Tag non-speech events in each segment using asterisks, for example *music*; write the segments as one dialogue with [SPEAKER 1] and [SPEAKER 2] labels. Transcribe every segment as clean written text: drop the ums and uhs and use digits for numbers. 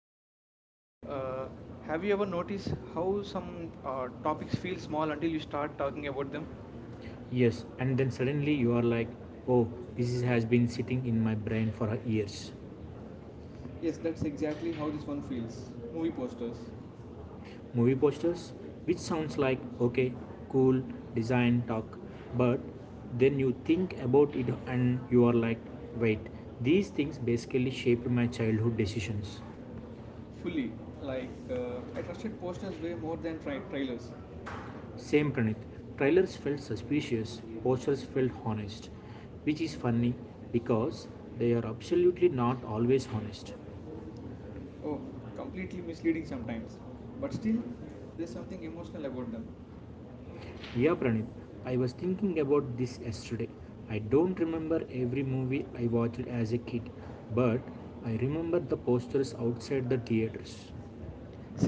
[SPEAKER 1] Manideep,
[SPEAKER 2] Mandeep, have
[SPEAKER 1] have you
[SPEAKER 2] you
[SPEAKER 1] ever
[SPEAKER 2] ever
[SPEAKER 1] noticed
[SPEAKER 2] noticed how
[SPEAKER 1] how
[SPEAKER 2] some
[SPEAKER 1] some
[SPEAKER 2] uh,
[SPEAKER 1] uh, topics
[SPEAKER 2] topics feel
[SPEAKER 1] feel
[SPEAKER 2] small
[SPEAKER 1] small
[SPEAKER 2] until
[SPEAKER 1] until you
[SPEAKER 2] you start
[SPEAKER 1] start
[SPEAKER 2] talking
[SPEAKER 1] talking about
[SPEAKER 2] about them?
[SPEAKER 1] them?
[SPEAKER 2] Yes, and then suddenly you are like, oh, has been sitting in my brain for years. Yes,
[SPEAKER 1] Yes, that's
[SPEAKER 2] that's exactly
[SPEAKER 1] exactly
[SPEAKER 2] how
[SPEAKER 1] how
[SPEAKER 2] this
[SPEAKER 1] this one
[SPEAKER 2] one feels.
[SPEAKER 1] feels.
[SPEAKER 2] Movie
[SPEAKER 1] Movie
[SPEAKER 2] posters.
[SPEAKER 1] posters,
[SPEAKER 2] Movie posters, which sounds like okay, cool, design, talk, but then you think about it and you are like, wait, these things basically shaped my childhood decisions. Fully.
[SPEAKER 1] fully. Like
[SPEAKER 2] Like, I
[SPEAKER 1] I trusted
[SPEAKER 2] trusted posters
[SPEAKER 1] posters
[SPEAKER 2] way
[SPEAKER 1] way more
[SPEAKER 2] more than
[SPEAKER 1] than
[SPEAKER 2] trailers.
[SPEAKER 1] trailers.
[SPEAKER 2] Same, Pranit, trailers felt suspicious, posters felt honest, which is funny because they are absolutely not always honest. Oh,
[SPEAKER 1] Oh, completely
[SPEAKER 2] completely
[SPEAKER 1] misleading
[SPEAKER 2] misleading sometimes.
[SPEAKER 1] sometimes, but
[SPEAKER 2] But
[SPEAKER 1] still,
[SPEAKER 2] still,
[SPEAKER 1] there's
[SPEAKER 2] there's something
[SPEAKER 1] something
[SPEAKER 2] emotional
[SPEAKER 1] emotional
[SPEAKER 2] about
[SPEAKER 1] about
[SPEAKER 2] them.
[SPEAKER 1] them.
[SPEAKER 2] Yeah, Pranit. I was thinking about this yesterday. I don't remember every movie I watched as a kid, but I remember the posters outside the theaters.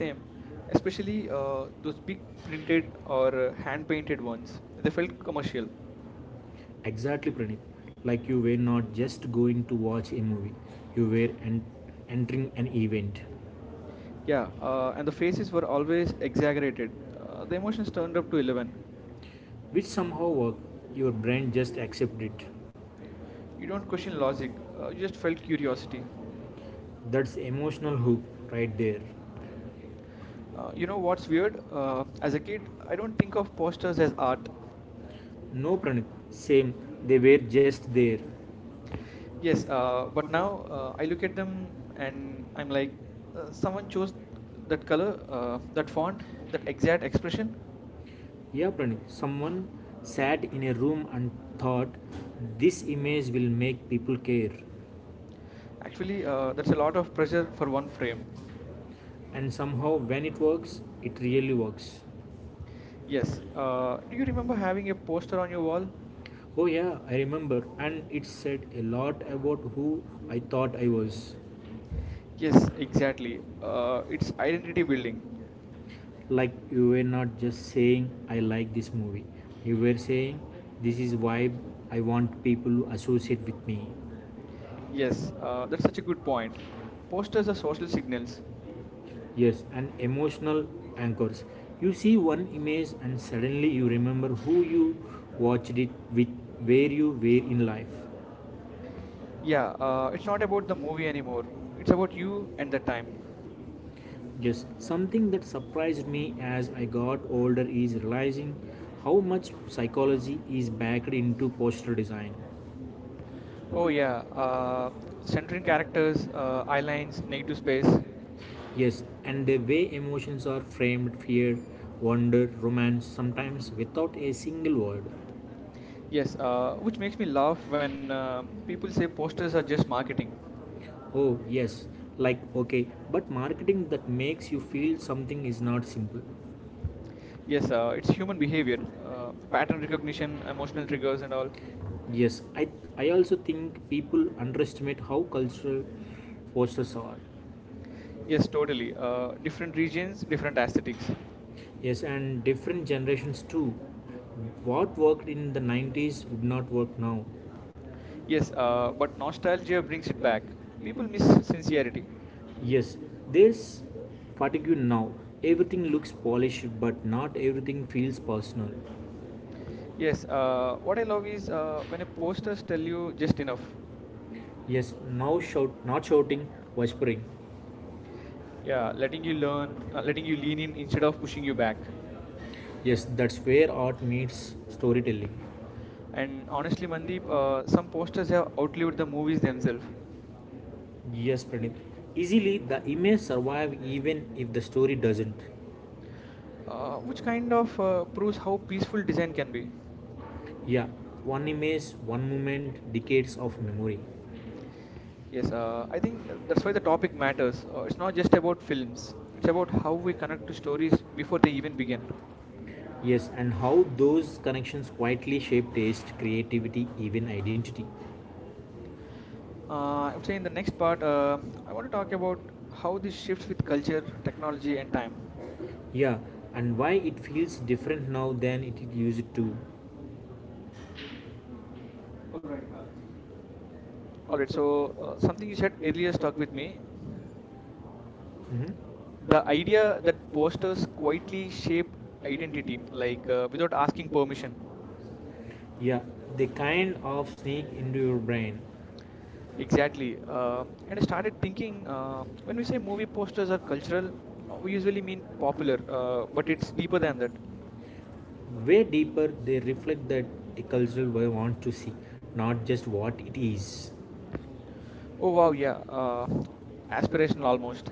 [SPEAKER 2] Same, especially
[SPEAKER 1] especially uh,
[SPEAKER 2] those
[SPEAKER 1] those
[SPEAKER 2] big
[SPEAKER 1] big printed
[SPEAKER 2] printed,
[SPEAKER 1] or hand
[SPEAKER 2] hand
[SPEAKER 1] painted
[SPEAKER 2] painted ones.
[SPEAKER 1] ones. They felt commercial.
[SPEAKER 2] Exactly, Pranit. Like you were not just going to watch a movie, you were entering an event. Yeah,
[SPEAKER 1] Yeah, and the faces were always exaggerated. The emotions turned up to 11.
[SPEAKER 2] which somehow work. Your brain just accept it.
[SPEAKER 1] You
[SPEAKER 2] You
[SPEAKER 1] don't
[SPEAKER 2] don't
[SPEAKER 1] question
[SPEAKER 2] question logic,
[SPEAKER 1] logic, you
[SPEAKER 2] you
[SPEAKER 1] just
[SPEAKER 2] just
[SPEAKER 1] felt
[SPEAKER 2] felt
[SPEAKER 1] curiosity.
[SPEAKER 2] curiosity. That's emotional hook right there. As
[SPEAKER 1] You know what's weird?
[SPEAKER 2] a
[SPEAKER 1] As a
[SPEAKER 2] kid,
[SPEAKER 1] kid,
[SPEAKER 2] I
[SPEAKER 1] I
[SPEAKER 2] don't
[SPEAKER 1] don't think
[SPEAKER 2] think
[SPEAKER 1] of posters as art.
[SPEAKER 2] about. No, Pranit, same. They were just there. Yes,
[SPEAKER 1] Yes,
[SPEAKER 2] I'm
[SPEAKER 1] but now
[SPEAKER 2] African,
[SPEAKER 1] I look at them
[SPEAKER 2] and
[SPEAKER 1] and I'm
[SPEAKER 2] and
[SPEAKER 1] like,
[SPEAKER 2] I
[SPEAKER 1] someone
[SPEAKER 2] chose
[SPEAKER 1] chose that
[SPEAKER 2] that,
[SPEAKER 1] color, that font,
[SPEAKER 2] that
[SPEAKER 1] that
[SPEAKER 2] that
[SPEAKER 1] exact expression.
[SPEAKER 2] expression. Yeah, Pranit. Someone sat in a room and thought this image will make people care. Uh,
[SPEAKER 1] Actually, that's
[SPEAKER 2] that's
[SPEAKER 1] a
[SPEAKER 2] a
[SPEAKER 1] lot
[SPEAKER 2] lot
[SPEAKER 1] of
[SPEAKER 2] of pressure
[SPEAKER 1] pressure
[SPEAKER 2] for
[SPEAKER 1] for one
[SPEAKER 2] one player.
[SPEAKER 1] frame.
[SPEAKER 2] And somehow, when it works, it really works. Yes.
[SPEAKER 1] Yes.
[SPEAKER 2] Uh,
[SPEAKER 1] Do
[SPEAKER 2] do
[SPEAKER 1] you
[SPEAKER 2] you
[SPEAKER 1] remember
[SPEAKER 2] remember
[SPEAKER 1] having
[SPEAKER 2] having
[SPEAKER 1] a
[SPEAKER 2] a
[SPEAKER 1] poster
[SPEAKER 2] poster
[SPEAKER 1] on
[SPEAKER 2] on
[SPEAKER 1] your
[SPEAKER 2] your wall?
[SPEAKER 1] wall?
[SPEAKER 2] Oh, yeah, I remember. And it said a lot about who I thought I was. Yes,
[SPEAKER 1] Yes,
[SPEAKER 2] exactly.
[SPEAKER 1] exactly. It's identity building.
[SPEAKER 2] Like you were not just saying I like this movie. You were saying this is why I want people to associate with me. Yes,
[SPEAKER 1] Yes, that's such a good
[SPEAKER 2] point.
[SPEAKER 1] point. Posters
[SPEAKER 2] The
[SPEAKER 1] are
[SPEAKER 2] social
[SPEAKER 1] social
[SPEAKER 2] signals.
[SPEAKER 1] signals.
[SPEAKER 2] Yes, and emotional anchors. You see one image and suddenly you remember who you watched it with, where you were in life. Yeah,
[SPEAKER 1] Yeah,
[SPEAKER 2] it's
[SPEAKER 1] it's
[SPEAKER 2] not
[SPEAKER 1] not
[SPEAKER 2] about
[SPEAKER 1] about
[SPEAKER 2] the
[SPEAKER 1] the
[SPEAKER 2] movie
[SPEAKER 1] movie
[SPEAKER 2] anymore.
[SPEAKER 1] anymore.
[SPEAKER 2] It's
[SPEAKER 1] It's
[SPEAKER 2] about
[SPEAKER 1] about
[SPEAKER 2] you
[SPEAKER 1] you and
[SPEAKER 2] and the
[SPEAKER 1] the
[SPEAKER 2] time.
[SPEAKER 1] time.
[SPEAKER 2] Yes, something that surprised me as I got older is realizing how much psychology is backed into poster design.
[SPEAKER 1] Oh yeah, centering characters, eye lines, negative space.
[SPEAKER 2] Yes, and the way emotions are framed, fear, wonder, romance, sometimes without a single word. Yes,
[SPEAKER 1] Yes,
[SPEAKER 2] which
[SPEAKER 1] which
[SPEAKER 2] makes
[SPEAKER 1] makes me
[SPEAKER 2] me
[SPEAKER 1] laugh
[SPEAKER 2] laugh when
[SPEAKER 1] when people
[SPEAKER 2] people say
[SPEAKER 1] say
[SPEAKER 2] posters
[SPEAKER 1] posters
[SPEAKER 2] are
[SPEAKER 1] are just
[SPEAKER 2] just marketing.
[SPEAKER 1] marketing.
[SPEAKER 2] Oh, yes, like okay, but marketing that makes you feel something is not simple. Yeah,
[SPEAKER 1] Yes, it's
[SPEAKER 2] it's
[SPEAKER 1] human
[SPEAKER 2] human
[SPEAKER 1] behavior,
[SPEAKER 2] behavior,
[SPEAKER 1] pattern
[SPEAKER 2] pattern recognition,
[SPEAKER 1] recognition, emotional
[SPEAKER 2] emotional trigger.
[SPEAKER 1] triggers, and all.
[SPEAKER 2] Yes, I also think people underestimate how cultural forces are. Yes,
[SPEAKER 1] Yes,
[SPEAKER 2] totally.
[SPEAKER 1] totally.
[SPEAKER 2] Different
[SPEAKER 1] Different
[SPEAKER 2] regions,
[SPEAKER 1] regions,
[SPEAKER 2] different
[SPEAKER 1] different
[SPEAKER 2] attitudes.
[SPEAKER 1] aesthetics.
[SPEAKER 2] Yes, and different generations too. What worked in the 90s would not work now. Yes,
[SPEAKER 1] Yes, but
[SPEAKER 2] but nostalgia
[SPEAKER 1] nostalgia
[SPEAKER 2] brings
[SPEAKER 1] brings
[SPEAKER 2] you
[SPEAKER 1] it
[SPEAKER 2] back.
[SPEAKER 1] back.
[SPEAKER 2] People
[SPEAKER 1] People
[SPEAKER 2] be
[SPEAKER 1] miss
[SPEAKER 2] sincerity.
[SPEAKER 1] sincerity.
[SPEAKER 2] Yes, there's fatigue now. Everything looks polished, but not everything feels personal. Yes,
[SPEAKER 1] Yes,
[SPEAKER 2] what
[SPEAKER 1] what I
[SPEAKER 2] I love
[SPEAKER 1] love
[SPEAKER 2] is
[SPEAKER 1] is when a posters
[SPEAKER 2] just tell
[SPEAKER 1] tell you
[SPEAKER 2] you just
[SPEAKER 1] just
[SPEAKER 2] enough.
[SPEAKER 1] enough.
[SPEAKER 2] Yes, now shout, not shouting, whispering. Yeah,
[SPEAKER 1] Yeah, letting
[SPEAKER 2] letting
[SPEAKER 1] you
[SPEAKER 2] you learn,
[SPEAKER 1] learn,
[SPEAKER 2] letting
[SPEAKER 1] letting
[SPEAKER 2] you
[SPEAKER 1] you
[SPEAKER 2] lean
[SPEAKER 1] lean in
[SPEAKER 2] in instead
[SPEAKER 1] instead
[SPEAKER 2] of
[SPEAKER 1] of
[SPEAKER 2] pushing
[SPEAKER 1] pushing
[SPEAKER 2] you
[SPEAKER 1] you
[SPEAKER 2] back.
[SPEAKER 1] back.
[SPEAKER 2] Yes, that's where art meets storytelling. And
[SPEAKER 1] And
[SPEAKER 2] honestly,
[SPEAKER 1] honestly,
[SPEAKER 2] Mandeep,
[SPEAKER 1] Mandeep,
[SPEAKER 2] some
[SPEAKER 1] some
[SPEAKER 2] posters
[SPEAKER 1] posters
[SPEAKER 2] have
[SPEAKER 1] have outlived
[SPEAKER 2] the
[SPEAKER 1] the
[SPEAKER 2] movies
[SPEAKER 1] movies
[SPEAKER 2] themselves.
[SPEAKER 1] themselves,
[SPEAKER 2] Here. Yes, Pranit. Easily, the image survive even if the story doesn't.
[SPEAKER 1] which
[SPEAKER 2] Which
[SPEAKER 1] kind
[SPEAKER 2] kind of
[SPEAKER 1] of proves how peaceful design
[SPEAKER 2] it can
[SPEAKER 1] can
[SPEAKER 2] be?
[SPEAKER 1] be.
[SPEAKER 2] Yeah, one image, one moment, decades of memory. Yes,
[SPEAKER 1] Yes, I
[SPEAKER 2] can you
[SPEAKER 1] think
[SPEAKER 2] discuss
[SPEAKER 1] that's why the topic matters. It's
[SPEAKER 2] about
[SPEAKER 1] not just about
[SPEAKER 2] films,
[SPEAKER 1] films,
[SPEAKER 2] which
[SPEAKER 1] it's
[SPEAKER 2] are
[SPEAKER 1] about how we
[SPEAKER 2] connected
[SPEAKER 1] connect
[SPEAKER 2] to
[SPEAKER 1] to
[SPEAKER 2] stories
[SPEAKER 1] stories
[SPEAKER 2] before
[SPEAKER 1] before
[SPEAKER 2] they
[SPEAKER 1] they
[SPEAKER 2] even
[SPEAKER 1] even
[SPEAKER 2] began.
[SPEAKER 1] begin.
[SPEAKER 2] Yes, and how those connections quietly shape taste, creativity, even identity.
[SPEAKER 1] I would
[SPEAKER 2] Actually,
[SPEAKER 1] say
[SPEAKER 2] in
[SPEAKER 1] in
[SPEAKER 2] the
[SPEAKER 1] the next
[SPEAKER 2] next part,
[SPEAKER 1] part, I want
[SPEAKER 2] what
[SPEAKER 1] to talk about
[SPEAKER 2] are- how
[SPEAKER 1] how
[SPEAKER 2] we
[SPEAKER 1] this
[SPEAKER 2] shape
[SPEAKER 1] shifts with culture,
[SPEAKER 2] technology
[SPEAKER 1] technology,
[SPEAKER 2] and
[SPEAKER 1] and
[SPEAKER 2] time?
[SPEAKER 1] time.
[SPEAKER 2] Yeah, and why it feels different now than it used to. All right.
[SPEAKER 1] All right, so
[SPEAKER 2] Uh, Something
[SPEAKER 1] something
[SPEAKER 2] you
[SPEAKER 1] you said
[SPEAKER 2] shared
[SPEAKER 1] earlier stuck
[SPEAKER 2] with
[SPEAKER 1] with
[SPEAKER 2] me.
[SPEAKER 1] me.
[SPEAKER 2] Mhm.
[SPEAKER 1] The idea that posters quietly
[SPEAKER 2] Whitening
[SPEAKER 1] shape
[SPEAKER 2] identity,
[SPEAKER 1] identity,
[SPEAKER 2] like,
[SPEAKER 1] like without asking
[SPEAKER 2] information.
[SPEAKER 1] permission.
[SPEAKER 2] Yeah, the kind of sneak into your brain. Exactly.
[SPEAKER 1] Exactly. And I started thinking when
[SPEAKER 2] You
[SPEAKER 1] we say
[SPEAKER 2] said you
[SPEAKER 1] movie posters are
[SPEAKER 2] are
[SPEAKER 1] cultural, we usually mean
[SPEAKER 2] usually
[SPEAKER 1] popular, but it's deeper than
[SPEAKER 2] pop-
[SPEAKER 1] that.
[SPEAKER 2] way deeper, they reflect that a cultural way want to see, not just what it is. Oh
[SPEAKER 1] Oh,
[SPEAKER 2] wow,
[SPEAKER 1] wow, yeah.
[SPEAKER 2] yeah,
[SPEAKER 1] Aspirational
[SPEAKER 2] aspirational almost.
[SPEAKER 1] almost.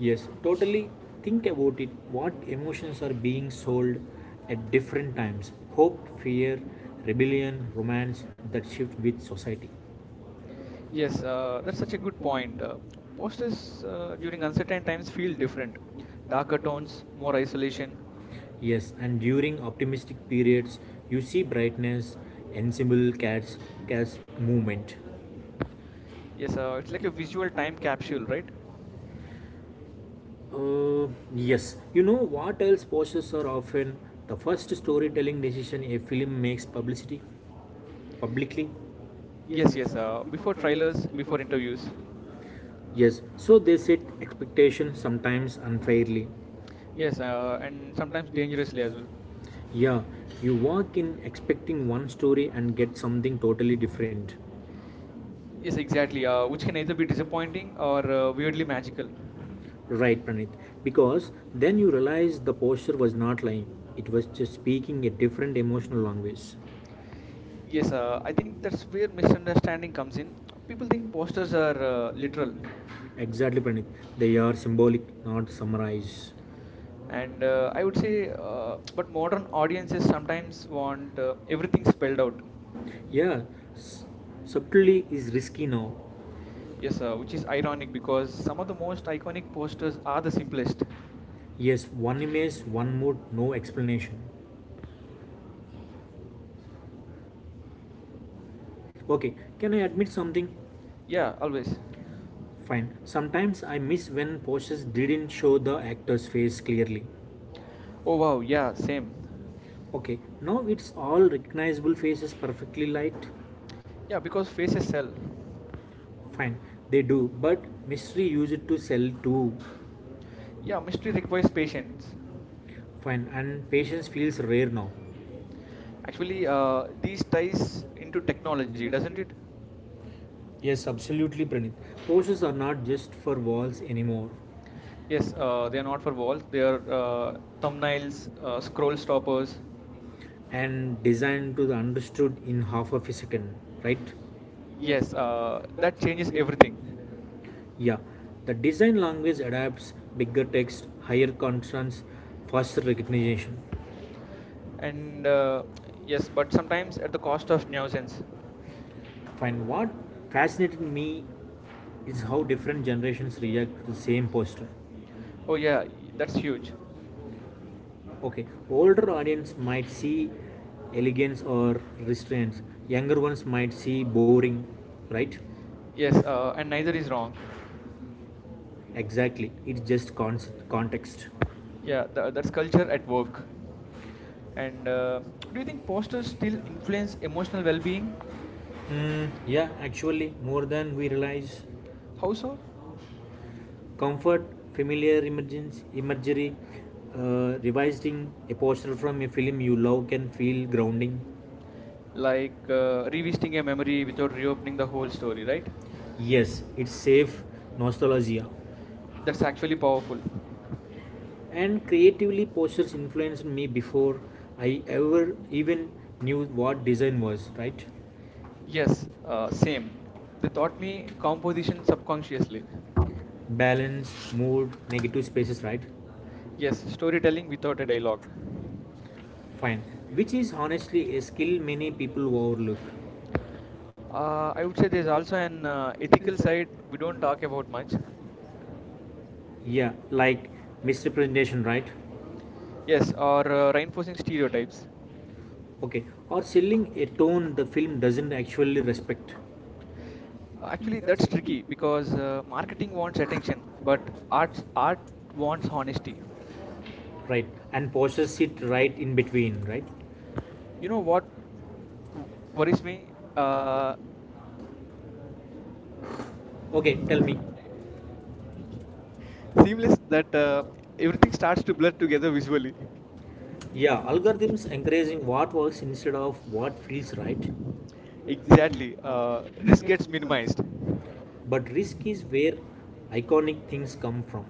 [SPEAKER 2] Yes, totally. Think about it. What emotions are being sold at different times? Hope, fear, rebellion, romance that shift with society. Yes,
[SPEAKER 1] Yes, that's such a good
[SPEAKER 2] point.
[SPEAKER 1] point.
[SPEAKER 2] Most is
[SPEAKER 1] Posters
[SPEAKER 2] during
[SPEAKER 1] during
[SPEAKER 2] uncertainty,
[SPEAKER 1] uncertain times feel different. Darker
[SPEAKER 2] turns
[SPEAKER 1] tones, more
[SPEAKER 2] more action.
[SPEAKER 1] isolation.
[SPEAKER 2] Yes, and during optimistic periods, you see brightness, ensemble, cats movement. It's
[SPEAKER 1] Yes, it's
[SPEAKER 2] like
[SPEAKER 1] like
[SPEAKER 2] a
[SPEAKER 1] a
[SPEAKER 2] visual
[SPEAKER 1] visual
[SPEAKER 2] time
[SPEAKER 1] time
[SPEAKER 2] capsule,
[SPEAKER 1] capsule,
[SPEAKER 2] right?
[SPEAKER 1] right?
[SPEAKER 2] Uh, yes. You know what else posters are often the first storytelling decision a film makes, publicity publicly? Yes,
[SPEAKER 1] Yes,
[SPEAKER 2] yes.
[SPEAKER 1] yes,
[SPEAKER 2] Before
[SPEAKER 1] before
[SPEAKER 2] trailers,
[SPEAKER 1] trailers,
[SPEAKER 2] before
[SPEAKER 1] before
[SPEAKER 2] interviews.
[SPEAKER 1] interviews.
[SPEAKER 2] Yes. So they set expectations sometimes unfairly. Yes,
[SPEAKER 1] Yes,
[SPEAKER 2] and
[SPEAKER 1] and sometimes
[SPEAKER 2] sometimes dangerous as
[SPEAKER 1] dangerously
[SPEAKER 2] well.
[SPEAKER 1] as well.
[SPEAKER 2] Yeah, you walk in expecting one story and get something totally different. Yes,
[SPEAKER 1] Yes,
[SPEAKER 2] exactly.
[SPEAKER 1] exactly, which
[SPEAKER 2] Which can
[SPEAKER 1] can
[SPEAKER 2] either
[SPEAKER 1] either
[SPEAKER 2] be
[SPEAKER 1] be
[SPEAKER 2] disappointing
[SPEAKER 1] disappointing
[SPEAKER 2] or
[SPEAKER 1] or
[SPEAKER 2] weirdly
[SPEAKER 1] weirdly
[SPEAKER 2] magical.
[SPEAKER 1] magical.
[SPEAKER 2] Right, Pranit. Because then you realize the posture was not lying, it was just speaking a different emotional language. Yes,
[SPEAKER 1] Yes, I think that's where
[SPEAKER 2] sometimes
[SPEAKER 1] misunderstanding comes in. People
[SPEAKER 2] people
[SPEAKER 1] think
[SPEAKER 2] think more
[SPEAKER 1] posters are
[SPEAKER 2] literal.
[SPEAKER 1] literal.
[SPEAKER 2] Exactly, Pranit. They are symbolic, not summarized.
[SPEAKER 1] And
[SPEAKER 2] and uh,
[SPEAKER 1] I would say, but modern audiences sometimes
[SPEAKER 2] sometimes
[SPEAKER 1] want
[SPEAKER 2] want
[SPEAKER 1] everything spelled
[SPEAKER 2] spelled
[SPEAKER 1] out.
[SPEAKER 2] out. Yeah, s- subtlety is risky now. Yes,
[SPEAKER 1] Yes, sir, which
[SPEAKER 2] which
[SPEAKER 1] is
[SPEAKER 2] is ironic
[SPEAKER 1] ironic because
[SPEAKER 2] because
[SPEAKER 1] some of
[SPEAKER 2] most
[SPEAKER 1] the most
[SPEAKER 2] iconic
[SPEAKER 1] iconic
[SPEAKER 2] posters,
[SPEAKER 1] posters are the simplest.
[SPEAKER 2] yes, one image, one mood, no explanation. Okay, can I admit something? Yeah.
[SPEAKER 1] Yeah, always.
[SPEAKER 2] Fine. Sometimes I miss when posters didn't show the actor's face clearly.
[SPEAKER 1] Oh wow, yeah,
[SPEAKER 2] Same.
[SPEAKER 1] same.
[SPEAKER 2] Okay, now it's all recognizable faces perfectly light. Yeah,
[SPEAKER 1] Yeah,
[SPEAKER 2] because
[SPEAKER 1] because
[SPEAKER 2] faces
[SPEAKER 1] faces
[SPEAKER 2] sell.
[SPEAKER 1] sell.
[SPEAKER 2] Fine, they do, but mystery used to sell too.
[SPEAKER 1] Yeah,
[SPEAKER 2] Yeah,
[SPEAKER 1] mystery
[SPEAKER 2] mystery
[SPEAKER 1] requires
[SPEAKER 2] requires patience.
[SPEAKER 1] patience.
[SPEAKER 2] Fine, and patience feels rare now.
[SPEAKER 1] Actually, these ties into technology, doesn't it?
[SPEAKER 2] Yes, absolutely, Pranit. Posters are not just for walls anymore
[SPEAKER 1] Yes, they are not for walls, they are thumbnails, scroll stoppers.
[SPEAKER 2] and designed to the understood in half of a second, right?
[SPEAKER 1] Yes, that changes everything.
[SPEAKER 2] Yeah, the design language adapts, bigger text, higher contrast, faster recognition.
[SPEAKER 1] And Yes, but sometimes at the cost of nuisance.
[SPEAKER 2] Fine. What fascinated me is how different generations react to the same poster.
[SPEAKER 1] Oh yeah, that's huge.
[SPEAKER 2] Okay, older audience might see elegance or restraints. Younger ones might see boring, right?
[SPEAKER 1] Yes, and neither
[SPEAKER 2] Neither
[SPEAKER 1] is
[SPEAKER 2] is wrong.
[SPEAKER 1] wrong.
[SPEAKER 2] Exactly. It's just concept, context. Yeah.
[SPEAKER 1] Yeah, that's culture at
[SPEAKER 2] And
[SPEAKER 1] work. And
[SPEAKER 2] uh,
[SPEAKER 1] uh, *tsk* do
[SPEAKER 2] do
[SPEAKER 1] you
[SPEAKER 2] you
[SPEAKER 1] think
[SPEAKER 2] think
[SPEAKER 1] posters
[SPEAKER 2] posters
[SPEAKER 1] still
[SPEAKER 2] still
[SPEAKER 1] influence
[SPEAKER 2] influence
[SPEAKER 1] emotional
[SPEAKER 2] emotional
[SPEAKER 1] well-being?
[SPEAKER 2] well-being? Mm, yeah, actually, more than we realize.
[SPEAKER 1] How
[SPEAKER 2] Also,
[SPEAKER 1] so?
[SPEAKER 2] comfort, familiar emergence, imagery, revisiting a poster from a film you love can feel grounding.
[SPEAKER 1] Like
[SPEAKER 2] Like,
[SPEAKER 1] revisiting
[SPEAKER 2] revisiting
[SPEAKER 1] a
[SPEAKER 2] a
[SPEAKER 1] memory
[SPEAKER 2] memory after
[SPEAKER 1] without reopening
[SPEAKER 2] opening the
[SPEAKER 1] the whole
[SPEAKER 2] whole
[SPEAKER 1] story,
[SPEAKER 2] story, right?
[SPEAKER 1] right?
[SPEAKER 2] Yes, it's safe nostalgia.
[SPEAKER 1] That's
[SPEAKER 2] That's
[SPEAKER 1] actually
[SPEAKER 2] actually powerful.
[SPEAKER 1] powerful.
[SPEAKER 2] And creatively, posters influenced me before I ever even knew what design was, right? Yes,
[SPEAKER 1] Yes,
[SPEAKER 2] same.
[SPEAKER 1] same. They
[SPEAKER 2] They
[SPEAKER 1] taught
[SPEAKER 2] taught me
[SPEAKER 1] me
[SPEAKER 2] how
[SPEAKER 1] composition subconsciously.
[SPEAKER 2] balance, mood, negative spaces, right? Yes,
[SPEAKER 1] Yes,
[SPEAKER 2] storytelling
[SPEAKER 1] storytelling
[SPEAKER 2] is
[SPEAKER 1] without
[SPEAKER 2] what
[SPEAKER 1] a
[SPEAKER 2] I like on.
[SPEAKER 1] dialogue.
[SPEAKER 2] Fine. Which is honestly a skill many people overlook. Uh, I
[SPEAKER 1] I
[SPEAKER 2] would say
[SPEAKER 1] would say
[SPEAKER 2] there's
[SPEAKER 1] there's
[SPEAKER 2] also an
[SPEAKER 1] also an
[SPEAKER 2] ethical
[SPEAKER 1] ethical
[SPEAKER 2] side
[SPEAKER 1] side
[SPEAKER 2] we
[SPEAKER 1] we
[SPEAKER 2] don't
[SPEAKER 1] don't
[SPEAKER 2] talk
[SPEAKER 1] talk
[SPEAKER 2] about
[SPEAKER 1] about
[SPEAKER 2] much.
[SPEAKER 1] much.
[SPEAKER 2] Yeah, like misrepresentation, right? Yes,
[SPEAKER 1] Yes, or reinforcing stereotypes.
[SPEAKER 2] okay. Or selling a tone the film doesn't actually respect. Actually,
[SPEAKER 1] Actually,
[SPEAKER 2] that
[SPEAKER 1] that's tricky because marketing
[SPEAKER 2] marketing
[SPEAKER 1] wants
[SPEAKER 2] wants everything,
[SPEAKER 1] attention,
[SPEAKER 2] but
[SPEAKER 1] but
[SPEAKER 2] art
[SPEAKER 1] art wants
[SPEAKER 2] is tasty.
[SPEAKER 1] honesty.
[SPEAKER 2] Right, and possess it right in between, right?
[SPEAKER 1] You
[SPEAKER 2] You
[SPEAKER 1] know
[SPEAKER 2] know what?
[SPEAKER 1] what w- worries me? Uh,
[SPEAKER 2] Okay, tell me.
[SPEAKER 1] Seamless that everything starts to blur together visually. *laughs*
[SPEAKER 2] Yeah, algorithms encouraging what works instead of what feels right. Exactly.
[SPEAKER 1] Exactly. Risk gets minimized.
[SPEAKER 2] But risk is where iconic things come from.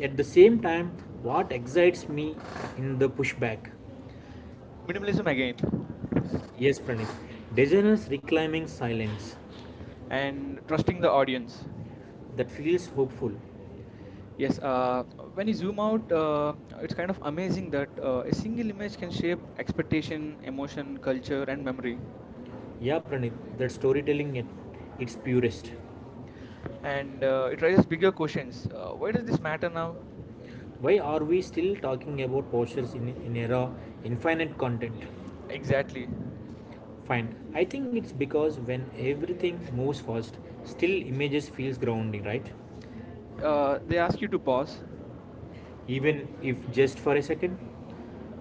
[SPEAKER 2] At the same time, what excites me in the pushback, minimalism
[SPEAKER 1] Minimalism
[SPEAKER 2] again.
[SPEAKER 1] again,
[SPEAKER 2] Yes, Pranit, designers reclaiming silence. And
[SPEAKER 1] and
[SPEAKER 2] from
[SPEAKER 1] trusting
[SPEAKER 2] the
[SPEAKER 1] the
[SPEAKER 2] audience.
[SPEAKER 1] audience.
[SPEAKER 2] That feels hopeful.
[SPEAKER 1] Yes, when
[SPEAKER 2] When
[SPEAKER 1] you
[SPEAKER 2] you zoom
[SPEAKER 1] zoom out,
[SPEAKER 2] out, it's
[SPEAKER 1] it's
[SPEAKER 2] kind
[SPEAKER 1] kind of amazing that
[SPEAKER 2] of
[SPEAKER 1] a
[SPEAKER 2] a
[SPEAKER 1] single
[SPEAKER 2] single voice
[SPEAKER 1] image can
[SPEAKER 2] can
[SPEAKER 1] shape
[SPEAKER 2] shape expectation,
[SPEAKER 1] expectation, emotion,
[SPEAKER 2] emotion, culture,
[SPEAKER 1] culture, and
[SPEAKER 2] and well.
[SPEAKER 1] memory.
[SPEAKER 2] Yeah, Pranit, that storytelling at its purest.
[SPEAKER 1] and
[SPEAKER 2] And
[SPEAKER 1] uh, it
[SPEAKER 2] it raises
[SPEAKER 1] raises bigger
[SPEAKER 2] bigger questions.
[SPEAKER 1] questions. Why
[SPEAKER 2] Why does
[SPEAKER 1] does
[SPEAKER 2] this
[SPEAKER 1] this matter
[SPEAKER 2] matter
[SPEAKER 1] now?
[SPEAKER 2] now? Why are we still talking about postures in an era infinite content? Exactly.
[SPEAKER 1] Exactly.
[SPEAKER 2] Fine. I think it's because when everything moves fast, still images feels grounding, right?
[SPEAKER 1] They ask you to
[SPEAKER 2] Uh,
[SPEAKER 1] pause,
[SPEAKER 2] Even if just for a second,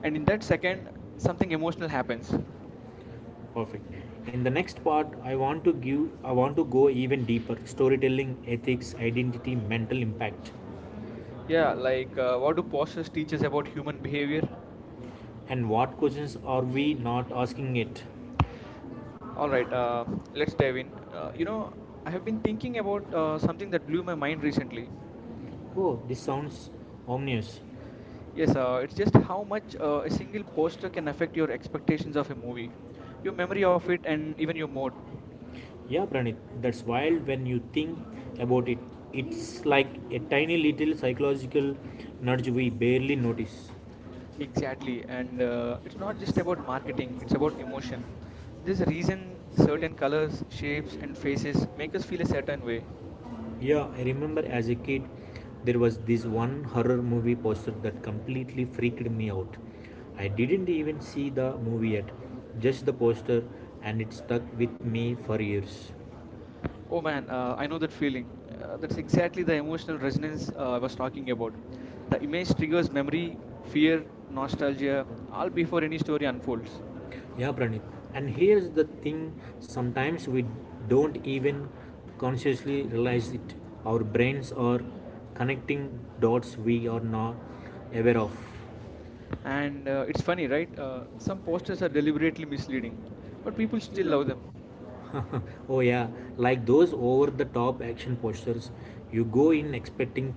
[SPEAKER 1] and
[SPEAKER 2] and
[SPEAKER 1] in
[SPEAKER 2] in that
[SPEAKER 1] that
[SPEAKER 2] second
[SPEAKER 1] second, something
[SPEAKER 2] something
[SPEAKER 1] emotional
[SPEAKER 2] emotional happens.
[SPEAKER 1] happens.
[SPEAKER 2] Perfect. In the next part I want to give, I want to go even deeper, storytelling, ethics, identity, mental impact. Yeah,
[SPEAKER 1] Yeah, like what
[SPEAKER 2] what
[SPEAKER 1] do
[SPEAKER 2] do posters
[SPEAKER 1] pauses teach
[SPEAKER 2] teach
[SPEAKER 1] us
[SPEAKER 2] us
[SPEAKER 1] about
[SPEAKER 2] about people
[SPEAKER 1] human behavior?
[SPEAKER 2] behavior and what questions are we not asking it. All
[SPEAKER 1] All right,
[SPEAKER 2] right, let's
[SPEAKER 1] let's
[SPEAKER 2] dive
[SPEAKER 1] dive in.
[SPEAKER 2] in.
[SPEAKER 1] You
[SPEAKER 2] You know,
[SPEAKER 1] know, I
[SPEAKER 2] I've
[SPEAKER 1] have been
[SPEAKER 2] been
[SPEAKER 1] thinking
[SPEAKER 2] thinking
[SPEAKER 1] about
[SPEAKER 2] about
[SPEAKER 1] something that blew my
[SPEAKER 2] art
[SPEAKER 1] mind
[SPEAKER 2] recently.
[SPEAKER 1] recently.
[SPEAKER 2] Oh, this sounds ominous. Yes,
[SPEAKER 1] Yes,
[SPEAKER 2] I
[SPEAKER 1] it's just how much a
[SPEAKER 2] was thinking
[SPEAKER 1] single poster
[SPEAKER 2] posters
[SPEAKER 1] can affect your expectations of a
[SPEAKER 2] of movie.
[SPEAKER 1] movie, your memory of it, and even your mood.
[SPEAKER 2] Yeah, Pranit, that's wild when you think about it. It's like a tiny little psychological nudge we barely notice. Exactly.
[SPEAKER 1] Exactly, and
[SPEAKER 2] And
[SPEAKER 1] uh, it's
[SPEAKER 2] uh, not
[SPEAKER 1] not
[SPEAKER 2] about
[SPEAKER 1] just
[SPEAKER 2] it's
[SPEAKER 1] about marketing, it's
[SPEAKER 2] about
[SPEAKER 1] about
[SPEAKER 2] emotion.
[SPEAKER 1] emotion. There's
[SPEAKER 2] There's
[SPEAKER 1] a
[SPEAKER 2] a reason
[SPEAKER 1] reason certain
[SPEAKER 2] certain colors,
[SPEAKER 1] colors,
[SPEAKER 2] shapes,
[SPEAKER 1] shapes,
[SPEAKER 2] and
[SPEAKER 1] and
[SPEAKER 2] faces
[SPEAKER 1] faces
[SPEAKER 2] make
[SPEAKER 1] make us
[SPEAKER 2] us
[SPEAKER 1] feel a
[SPEAKER 2] feel a
[SPEAKER 1] certain
[SPEAKER 2] certain way.
[SPEAKER 1] way.
[SPEAKER 2] Yeah, I remember as a kid, there was this one horror movie poster that completely freaked me out. I didn't even see the movie yet, just the poster, and it stuck with me for years.
[SPEAKER 1] Oh
[SPEAKER 2] Oh man,
[SPEAKER 1] man, I
[SPEAKER 2] I know
[SPEAKER 1] know that
[SPEAKER 2] that feeling.
[SPEAKER 1] feeling. That's
[SPEAKER 2] That's
[SPEAKER 1] exactly
[SPEAKER 2] exactly the
[SPEAKER 1] the emotional
[SPEAKER 2] emotional resilience
[SPEAKER 1] resonance
[SPEAKER 2] I
[SPEAKER 1] I
[SPEAKER 2] was
[SPEAKER 1] was
[SPEAKER 2] talking
[SPEAKER 1] talking about. The image
[SPEAKER 2] about,
[SPEAKER 1] triggers memory,
[SPEAKER 2] fear,
[SPEAKER 1] fear,
[SPEAKER 2] nostalgia,
[SPEAKER 1] nostalgia,
[SPEAKER 2] or
[SPEAKER 1] all
[SPEAKER 2] before
[SPEAKER 1] before any
[SPEAKER 2] into
[SPEAKER 1] story
[SPEAKER 2] control.
[SPEAKER 1] unfolds.
[SPEAKER 2] Yeah, Pranit. And here's the thing, sometimes we don't even consciously realize it. Our brains are connecting dots we are not aware of.
[SPEAKER 1] And It's funny, right? Some posters are deliberately
[SPEAKER 2] *laughs*
[SPEAKER 1] misleading, but people still love them.
[SPEAKER 2] Oh yeah, like those over the top action postures, you go in expecting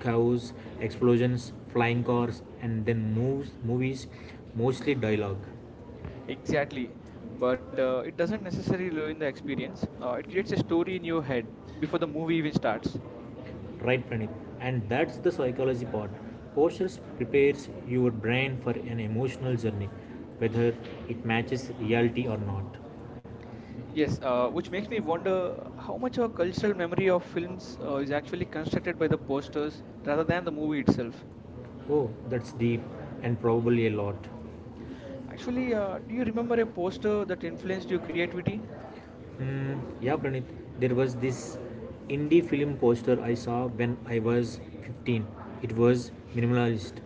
[SPEAKER 2] cows, explosions, flying cars, and then moves movies mostly dialogue. Exactly.
[SPEAKER 1] Exactly. But
[SPEAKER 2] But
[SPEAKER 1] it doesn't
[SPEAKER 2] not
[SPEAKER 1] necessarily
[SPEAKER 2] necessarily
[SPEAKER 1] ruin the
[SPEAKER 2] experience.
[SPEAKER 1] experience. It creates a story
[SPEAKER 2] Keep
[SPEAKER 1] in
[SPEAKER 2] your
[SPEAKER 1] your head
[SPEAKER 2] head
[SPEAKER 1] before the movie even
[SPEAKER 2] before.
[SPEAKER 1] starts.
[SPEAKER 2] Right, Pranit. And that's the psychology part. Postures prepares your brain for an emotional journey, whether it matches reality or not. Yes,
[SPEAKER 1] Yes,
[SPEAKER 2] which
[SPEAKER 1] which
[SPEAKER 2] makes
[SPEAKER 1] makes
[SPEAKER 2] me
[SPEAKER 1] me
[SPEAKER 2] wonder
[SPEAKER 1] wonder
[SPEAKER 2] how
[SPEAKER 1] how
[SPEAKER 2] much
[SPEAKER 1] much our
[SPEAKER 2] of Elson's
[SPEAKER 1] cultural memory
[SPEAKER 2] memory
[SPEAKER 1] of
[SPEAKER 2] of films
[SPEAKER 1] films is
[SPEAKER 2] is
[SPEAKER 1] actually
[SPEAKER 2] actually constructed
[SPEAKER 1] constructed by
[SPEAKER 2] by
[SPEAKER 1] the
[SPEAKER 2] the posters
[SPEAKER 1] posters
[SPEAKER 2] rather
[SPEAKER 1] rather than
[SPEAKER 2] than
[SPEAKER 1] the
[SPEAKER 2] the
[SPEAKER 1] movie
[SPEAKER 2] movie.
[SPEAKER 1] itself.
[SPEAKER 2] Oh, that's deep and probably a lot.
[SPEAKER 1] Actually, do you remember a poster that influenced your creativity?
[SPEAKER 2] Hmm, yeah, Pranit. There was this indie film poster I saw when I was 15. It was minimalist.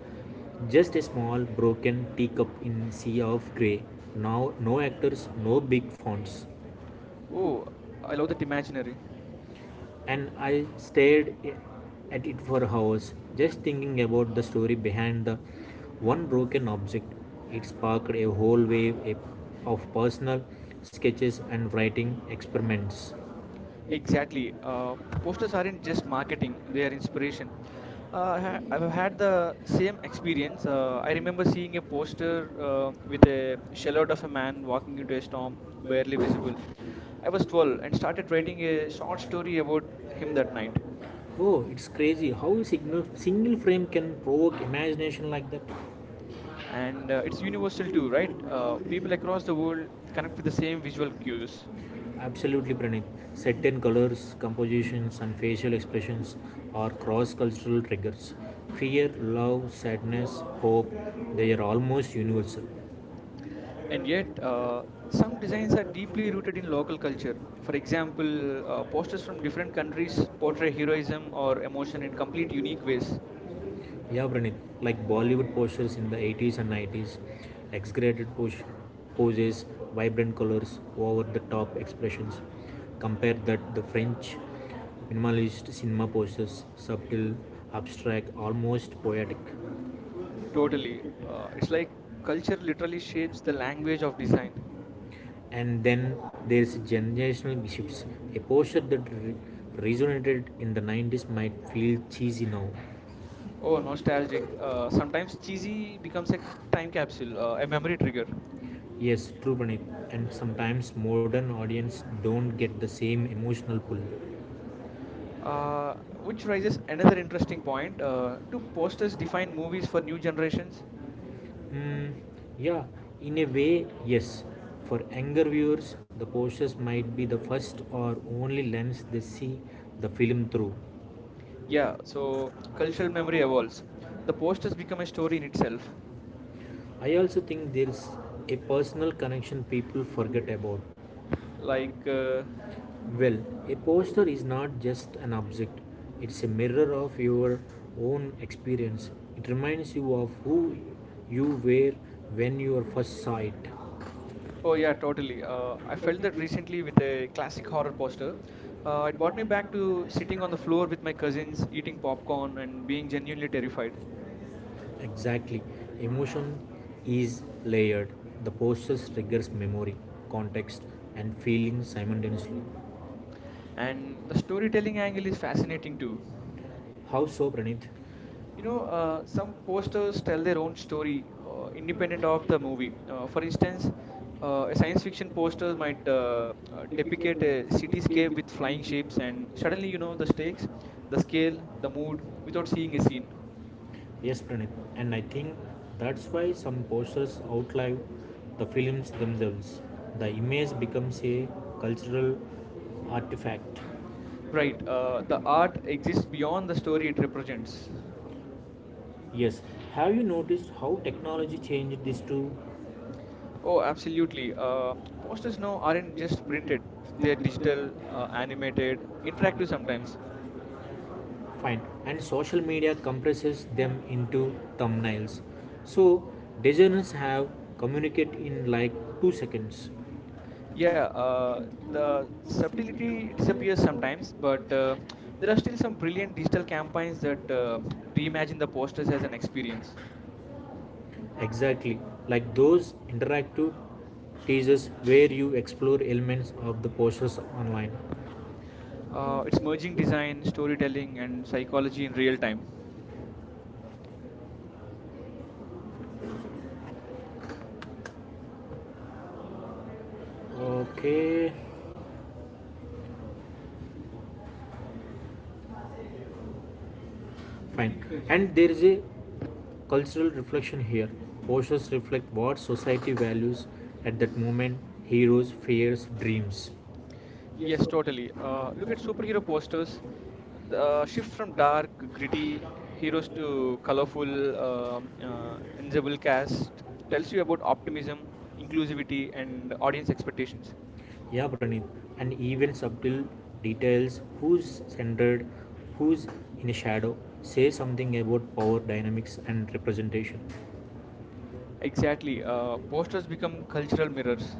[SPEAKER 2] Just a small broken teacup in sea of grey. Now no actors, no big fonts,
[SPEAKER 1] Oh, I love that imaginary.
[SPEAKER 2] and I stared at it for hours, just thinking about the story behind the one broken object. It sparked a whole wave of personal sketches and writing experiments. Exactly.
[SPEAKER 1] Exactly.
[SPEAKER 2] It's
[SPEAKER 1] Posters aren't
[SPEAKER 2] not
[SPEAKER 1] just
[SPEAKER 2] just marketing,
[SPEAKER 1] marketing,
[SPEAKER 2] they
[SPEAKER 1] they are
[SPEAKER 2] are inspiration.
[SPEAKER 1] inspiration.
[SPEAKER 2] I
[SPEAKER 1] I've had
[SPEAKER 2] had the
[SPEAKER 1] the
[SPEAKER 2] same
[SPEAKER 1] same
[SPEAKER 2] experience.
[SPEAKER 1] experience.
[SPEAKER 2] I
[SPEAKER 1] I
[SPEAKER 2] remember
[SPEAKER 1] remember
[SPEAKER 2] seeing
[SPEAKER 1] seeing a
[SPEAKER 2] a poster
[SPEAKER 1] poster with
[SPEAKER 2] with
[SPEAKER 1] a
[SPEAKER 2] a silhouette
[SPEAKER 1] silhouette
[SPEAKER 2] of
[SPEAKER 1] of
[SPEAKER 2] a
[SPEAKER 1] a
[SPEAKER 2] man
[SPEAKER 1] man
[SPEAKER 2] walking
[SPEAKER 1] walking into
[SPEAKER 2] in a
[SPEAKER 1] a
[SPEAKER 2] storm,
[SPEAKER 1] storm,
[SPEAKER 2] barely
[SPEAKER 1] barely visible.
[SPEAKER 2] breathing. I
[SPEAKER 1] I
[SPEAKER 2] was
[SPEAKER 1] was
[SPEAKER 2] 12
[SPEAKER 1] 12
[SPEAKER 2] and
[SPEAKER 1] and
[SPEAKER 2] started
[SPEAKER 1] started writing
[SPEAKER 2] writing
[SPEAKER 1] a
[SPEAKER 2] a short
[SPEAKER 1] short story
[SPEAKER 2] story
[SPEAKER 1] about him that
[SPEAKER 2] about him.
[SPEAKER 1] night.
[SPEAKER 2] Oh, it's crazy how a signal, single frame can provoke imagination like that.
[SPEAKER 1] And
[SPEAKER 2] It's
[SPEAKER 1] it's
[SPEAKER 2] very much
[SPEAKER 1] universal too,
[SPEAKER 2] to
[SPEAKER 1] right?
[SPEAKER 2] right?
[SPEAKER 1] People across the world connect with the same visual cues.
[SPEAKER 2] Absolutely, Pranit. Certain colors, compositions, and facial expressions are cross cultural triggers. Fear, love, sadness, hope, they are almost universal.
[SPEAKER 1] And yet
[SPEAKER 2] Uh,
[SPEAKER 1] some designs are deeply rooted in local culture. For example, posters from different countries portray heroism or emotion in complete unique ways.
[SPEAKER 2] yeah, Pranit, like Bollywood postures in the 80s and 90s, exaggerated poses, vibrant colors, over the top expressions. Compare that the French minimalist cinema postures, subtle, abstract, almost poetic. Totally.
[SPEAKER 1] Totally. It's
[SPEAKER 2] It's
[SPEAKER 1] like
[SPEAKER 2] like
[SPEAKER 1] culture
[SPEAKER 2] culture
[SPEAKER 1] literally
[SPEAKER 2] shapes
[SPEAKER 1] shapes the
[SPEAKER 2] the language
[SPEAKER 1] language
[SPEAKER 2] of
[SPEAKER 1] of
[SPEAKER 2] the,
[SPEAKER 1] design.
[SPEAKER 2] and then there's generational shifts. A posture that resonated in the 90s might feel cheesy now.
[SPEAKER 1] Oh
[SPEAKER 2] Oh,
[SPEAKER 1] nostalgic.
[SPEAKER 2] nostalgic. Uh,
[SPEAKER 1] Sometimes cheesy becomes a time capsule, a memory trigger.
[SPEAKER 2] Yes, true, Pranit. And sometimes modern audience don't get the same emotional pull.
[SPEAKER 1] Uh, which
[SPEAKER 2] Which
[SPEAKER 1] raises
[SPEAKER 2] raises
[SPEAKER 1] another
[SPEAKER 2] another interesting
[SPEAKER 1] interesting
[SPEAKER 2] point.
[SPEAKER 1] point. Do
[SPEAKER 2] Post is
[SPEAKER 1] posters
[SPEAKER 2] defined
[SPEAKER 1] define
[SPEAKER 2] in
[SPEAKER 1] movies
[SPEAKER 2] movies
[SPEAKER 1] for
[SPEAKER 2] for new
[SPEAKER 1] new
[SPEAKER 2] generations.
[SPEAKER 1] generations?
[SPEAKER 2] Mm, yeah, in a way, yes. For younger viewers, the posters might be the first or only lens they see the film through. Yeah.
[SPEAKER 1] Yeah,
[SPEAKER 2] So
[SPEAKER 1] so cultural
[SPEAKER 2] culture,
[SPEAKER 1] memory evolves.
[SPEAKER 2] the
[SPEAKER 1] The
[SPEAKER 2] posters
[SPEAKER 1] posters become
[SPEAKER 2] become
[SPEAKER 1] a
[SPEAKER 2] a story
[SPEAKER 1] story in
[SPEAKER 2] in
[SPEAKER 1] itself.
[SPEAKER 2] itself. I also think there's a personal connection people forget about.
[SPEAKER 1] Like,
[SPEAKER 2] Well, a poster is not just an object, it's a mirror of your own experience. It reminds you of who you were when you were first saw it.
[SPEAKER 1] oh
[SPEAKER 2] Oh
[SPEAKER 1] yeah,
[SPEAKER 2] yeah, totally.
[SPEAKER 1] totally. I felt that recently with a classic horror poster. It brought me
[SPEAKER 2] Uh,
[SPEAKER 1] back to sitting on the floor
[SPEAKER 2] Floor
[SPEAKER 1] with my
[SPEAKER 2] at various
[SPEAKER 1] cousins, eating popcorn,
[SPEAKER 2] popcorn and
[SPEAKER 1] and
[SPEAKER 2] being
[SPEAKER 1] being
[SPEAKER 2] genuinely
[SPEAKER 1] genuinely terrified.
[SPEAKER 2] terrified. Exactly. Emotion is layered. The postures triggers memory, context, and feeling simultaneously. And
[SPEAKER 1] And the storytelling
[SPEAKER 2] storytelling
[SPEAKER 1] angle
[SPEAKER 2] angle
[SPEAKER 1] is
[SPEAKER 2] is
[SPEAKER 1] fascinating
[SPEAKER 2] fascinating too.
[SPEAKER 1] too.
[SPEAKER 2] How so, Pranit?
[SPEAKER 1] You
[SPEAKER 2] You
[SPEAKER 1] know,
[SPEAKER 2] know, uh,
[SPEAKER 1] some posters tell their own
[SPEAKER 2] some story
[SPEAKER 1] story,
[SPEAKER 2] in your
[SPEAKER 1] independent of the movie.
[SPEAKER 2] movie,
[SPEAKER 1] For
[SPEAKER 2] for instance,
[SPEAKER 1] instance, a science fiction
[SPEAKER 2] the
[SPEAKER 1] poster
[SPEAKER 2] poster
[SPEAKER 1] might
[SPEAKER 2] might,
[SPEAKER 1] depict a
[SPEAKER 2] scale
[SPEAKER 1] cityscape
[SPEAKER 2] with
[SPEAKER 1] with flying
[SPEAKER 2] flying cheers
[SPEAKER 1] ships,
[SPEAKER 2] and
[SPEAKER 1] and suddenly
[SPEAKER 2] suddenly
[SPEAKER 1] you
[SPEAKER 2] you
[SPEAKER 1] know
[SPEAKER 2] know
[SPEAKER 1] the
[SPEAKER 2] the stage,
[SPEAKER 1] stakes,
[SPEAKER 2] the
[SPEAKER 1] the
[SPEAKER 2] scale,
[SPEAKER 1] scale, the
[SPEAKER 2] the mood
[SPEAKER 1] mood, without
[SPEAKER 2] without
[SPEAKER 1] seeing
[SPEAKER 2] seeing
[SPEAKER 1] a
[SPEAKER 2] a scene.
[SPEAKER 1] scene.
[SPEAKER 2] Yes, Pranit. And I think that's why some posters outlive the films themselves. The image becomes a cultural artifact.
[SPEAKER 1] Right,
[SPEAKER 2] Right.
[SPEAKER 1] the art
[SPEAKER 2] It's
[SPEAKER 1] exists beyond
[SPEAKER 2] beyond
[SPEAKER 1] the
[SPEAKER 2] the
[SPEAKER 1] story
[SPEAKER 2] story it
[SPEAKER 1] it
[SPEAKER 2] represents.
[SPEAKER 1] represents.
[SPEAKER 2] Yes. Have you noticed how technology changed this too?
[SPEAKER 1] Oh,
[SPEAKER 2] Oh, absolutely.
[SPEAKER 1] absolutely.
[SPEAKER 2] Posters
[SPEAKER 1] Posters now
[SPEAKER 2] now aren't
[SPEAKER 1] aren't
[SPEAKER 2] just
[SPEAKER 1] just
[SPEAKER 2] printed;
[SPEAKER 1] printed; they're
[SPEAKER 2] they're digital,
[SPEAKER 1] digital,
[SPEAKER 2] animated,
[SPEAKER 1] animated, interactive
[SPEAKER 2] interactive
[SPEAKER 1] sometimes.
[SPEAKER 2] sometimes. Fine, and social media compresses them into thumbnails, so designers have communicate in like 2 seconds. And
[SPEAKER 1] Yeah,
[SPEAKER 2] the
[SPEAKER 1] the subtlety disappears sometimes, but there are still some brilliant digital campaigns that reimagine the posters as an experience.
[SPEAKER 2] exactly like those interactive teasers where you explore elements of the posters online.
[SPEAKER 1] It's merging design, storytelling, and psychology in real time.
[SPEAKER 2] Okay, fine. And there is a cultural reflection here. Posters reflect what society values at that moment: heroes, fears, dreams. Yes.
[SPEAKER 1] Yes, totally. Look at superhero posters. The shift from dark, gritty heroes to colorful, ensemble cast tells you about optimism, inclusivity, and audience expectations.
[SPEAKER 2] Yeah, Pranit, and even subtle details, who's centered, who's in a shadow, say something about power dynamics and representation. Exactly.
[SPEAKER 1] Exactly.
[SPEAKER 2] Posters
[SPEAKER 1] Posters
[SPEAKER 2] become
[SPEAKER 1] become
[SPEAKER 2] cultural
[SPEAKER 1] cultural
[SPEAKER 2] triggers.
[SPEAKER 1] mirrors.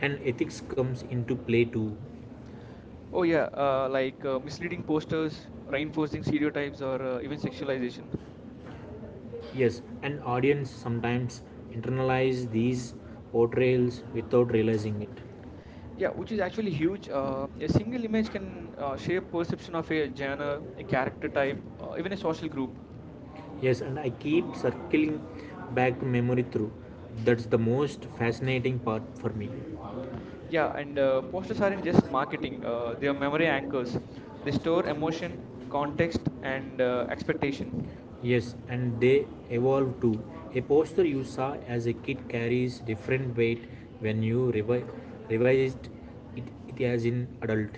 [SPEAKER 2] And ethics comes into play too.
[SPEAKER 1] Oh yeah, like
[SPEAKER 2] Misleading
[SPEAKER 1] misleading
[SPEAKER 2] posters,
[SPEAKER 1] posters,
[SPEAKER 2] trying to
[SPEAKER 1] reinforcing
[SPEAKER 2] exterior,
[SPEAKER 1] stereotypes, or
[SPEAKER 2] even
[SPEAKER 1] even
[SPEAKER 2] sexualization.
[SPEAKER 1] sexualization.
[SPEAKER 2] Yes, an audience sometimes internalize these portrayals without realizing it. Yeah,
[SPEAKER 1] Yeah, which is
[SPEAKER 2] it
[SPEAKER 1] actually
[SPEAKER 2] actually gives
[SPEAKER 1] huge. A
[SPEAKER 2] it's
[SPEAKER 1] single
[SPEAKER 2] something
[SPEAKER 1] image can
[SPEAKER 2] like
[SPEAKER 1] shape
[SPEAKER 2] shape perception
[SPEAKER 1] perception of
[SPEAKER 2] of
[SPEAKER 1] a
[SPEAKER 2] age whenever
[SPEAKER 1] genre, a
[SPEAKER 2] the
[SPEAKER 1] character
[SPEAKER 2] character
[SPEAKER 1] type,
[SPEAKER 2] connect,
[SPEAKER 1] even
[SPEAKER 2] even
[SPEAKER 1] a
[SPEAKER 2] a
[SPEAKER 1] social
[SPEAKER 2] social group.
[SPEAKER 1] group.
[SPEAKER 2] Yes, and I keep circling back to memory through. That's the most fascinating part for me. Yeah,
[SPEAKER 1] Yeah, and uh, posters
[SPEAKER 2] most
[SPEAKER 1] aren't
[SPEAKER 2] scientists
[SPEAKER 1] just
[SPEAKER 2] in marketing
[SPEAKER 1] marketing; they are
[SPEAKER 2] their
[SPEAKER 1] memory
[SPEAKER 2] memory angles,
[SPEAKER 1] anchors. They
[SPEAKER 2] they store
[SPEAKER 1] store
[SPEAKER 2] emotion,
[SPEAKER 1] emotion,
[SPEAKER 2] context,
[SPEAKER 1] context, and
[SPEAKER 2] and uh,
[SPEAKER 1] expectation
[SPEAKER 2] yes, and they evolve too. A poster you saw as a kid carries different weight when you revised it, it as an adult.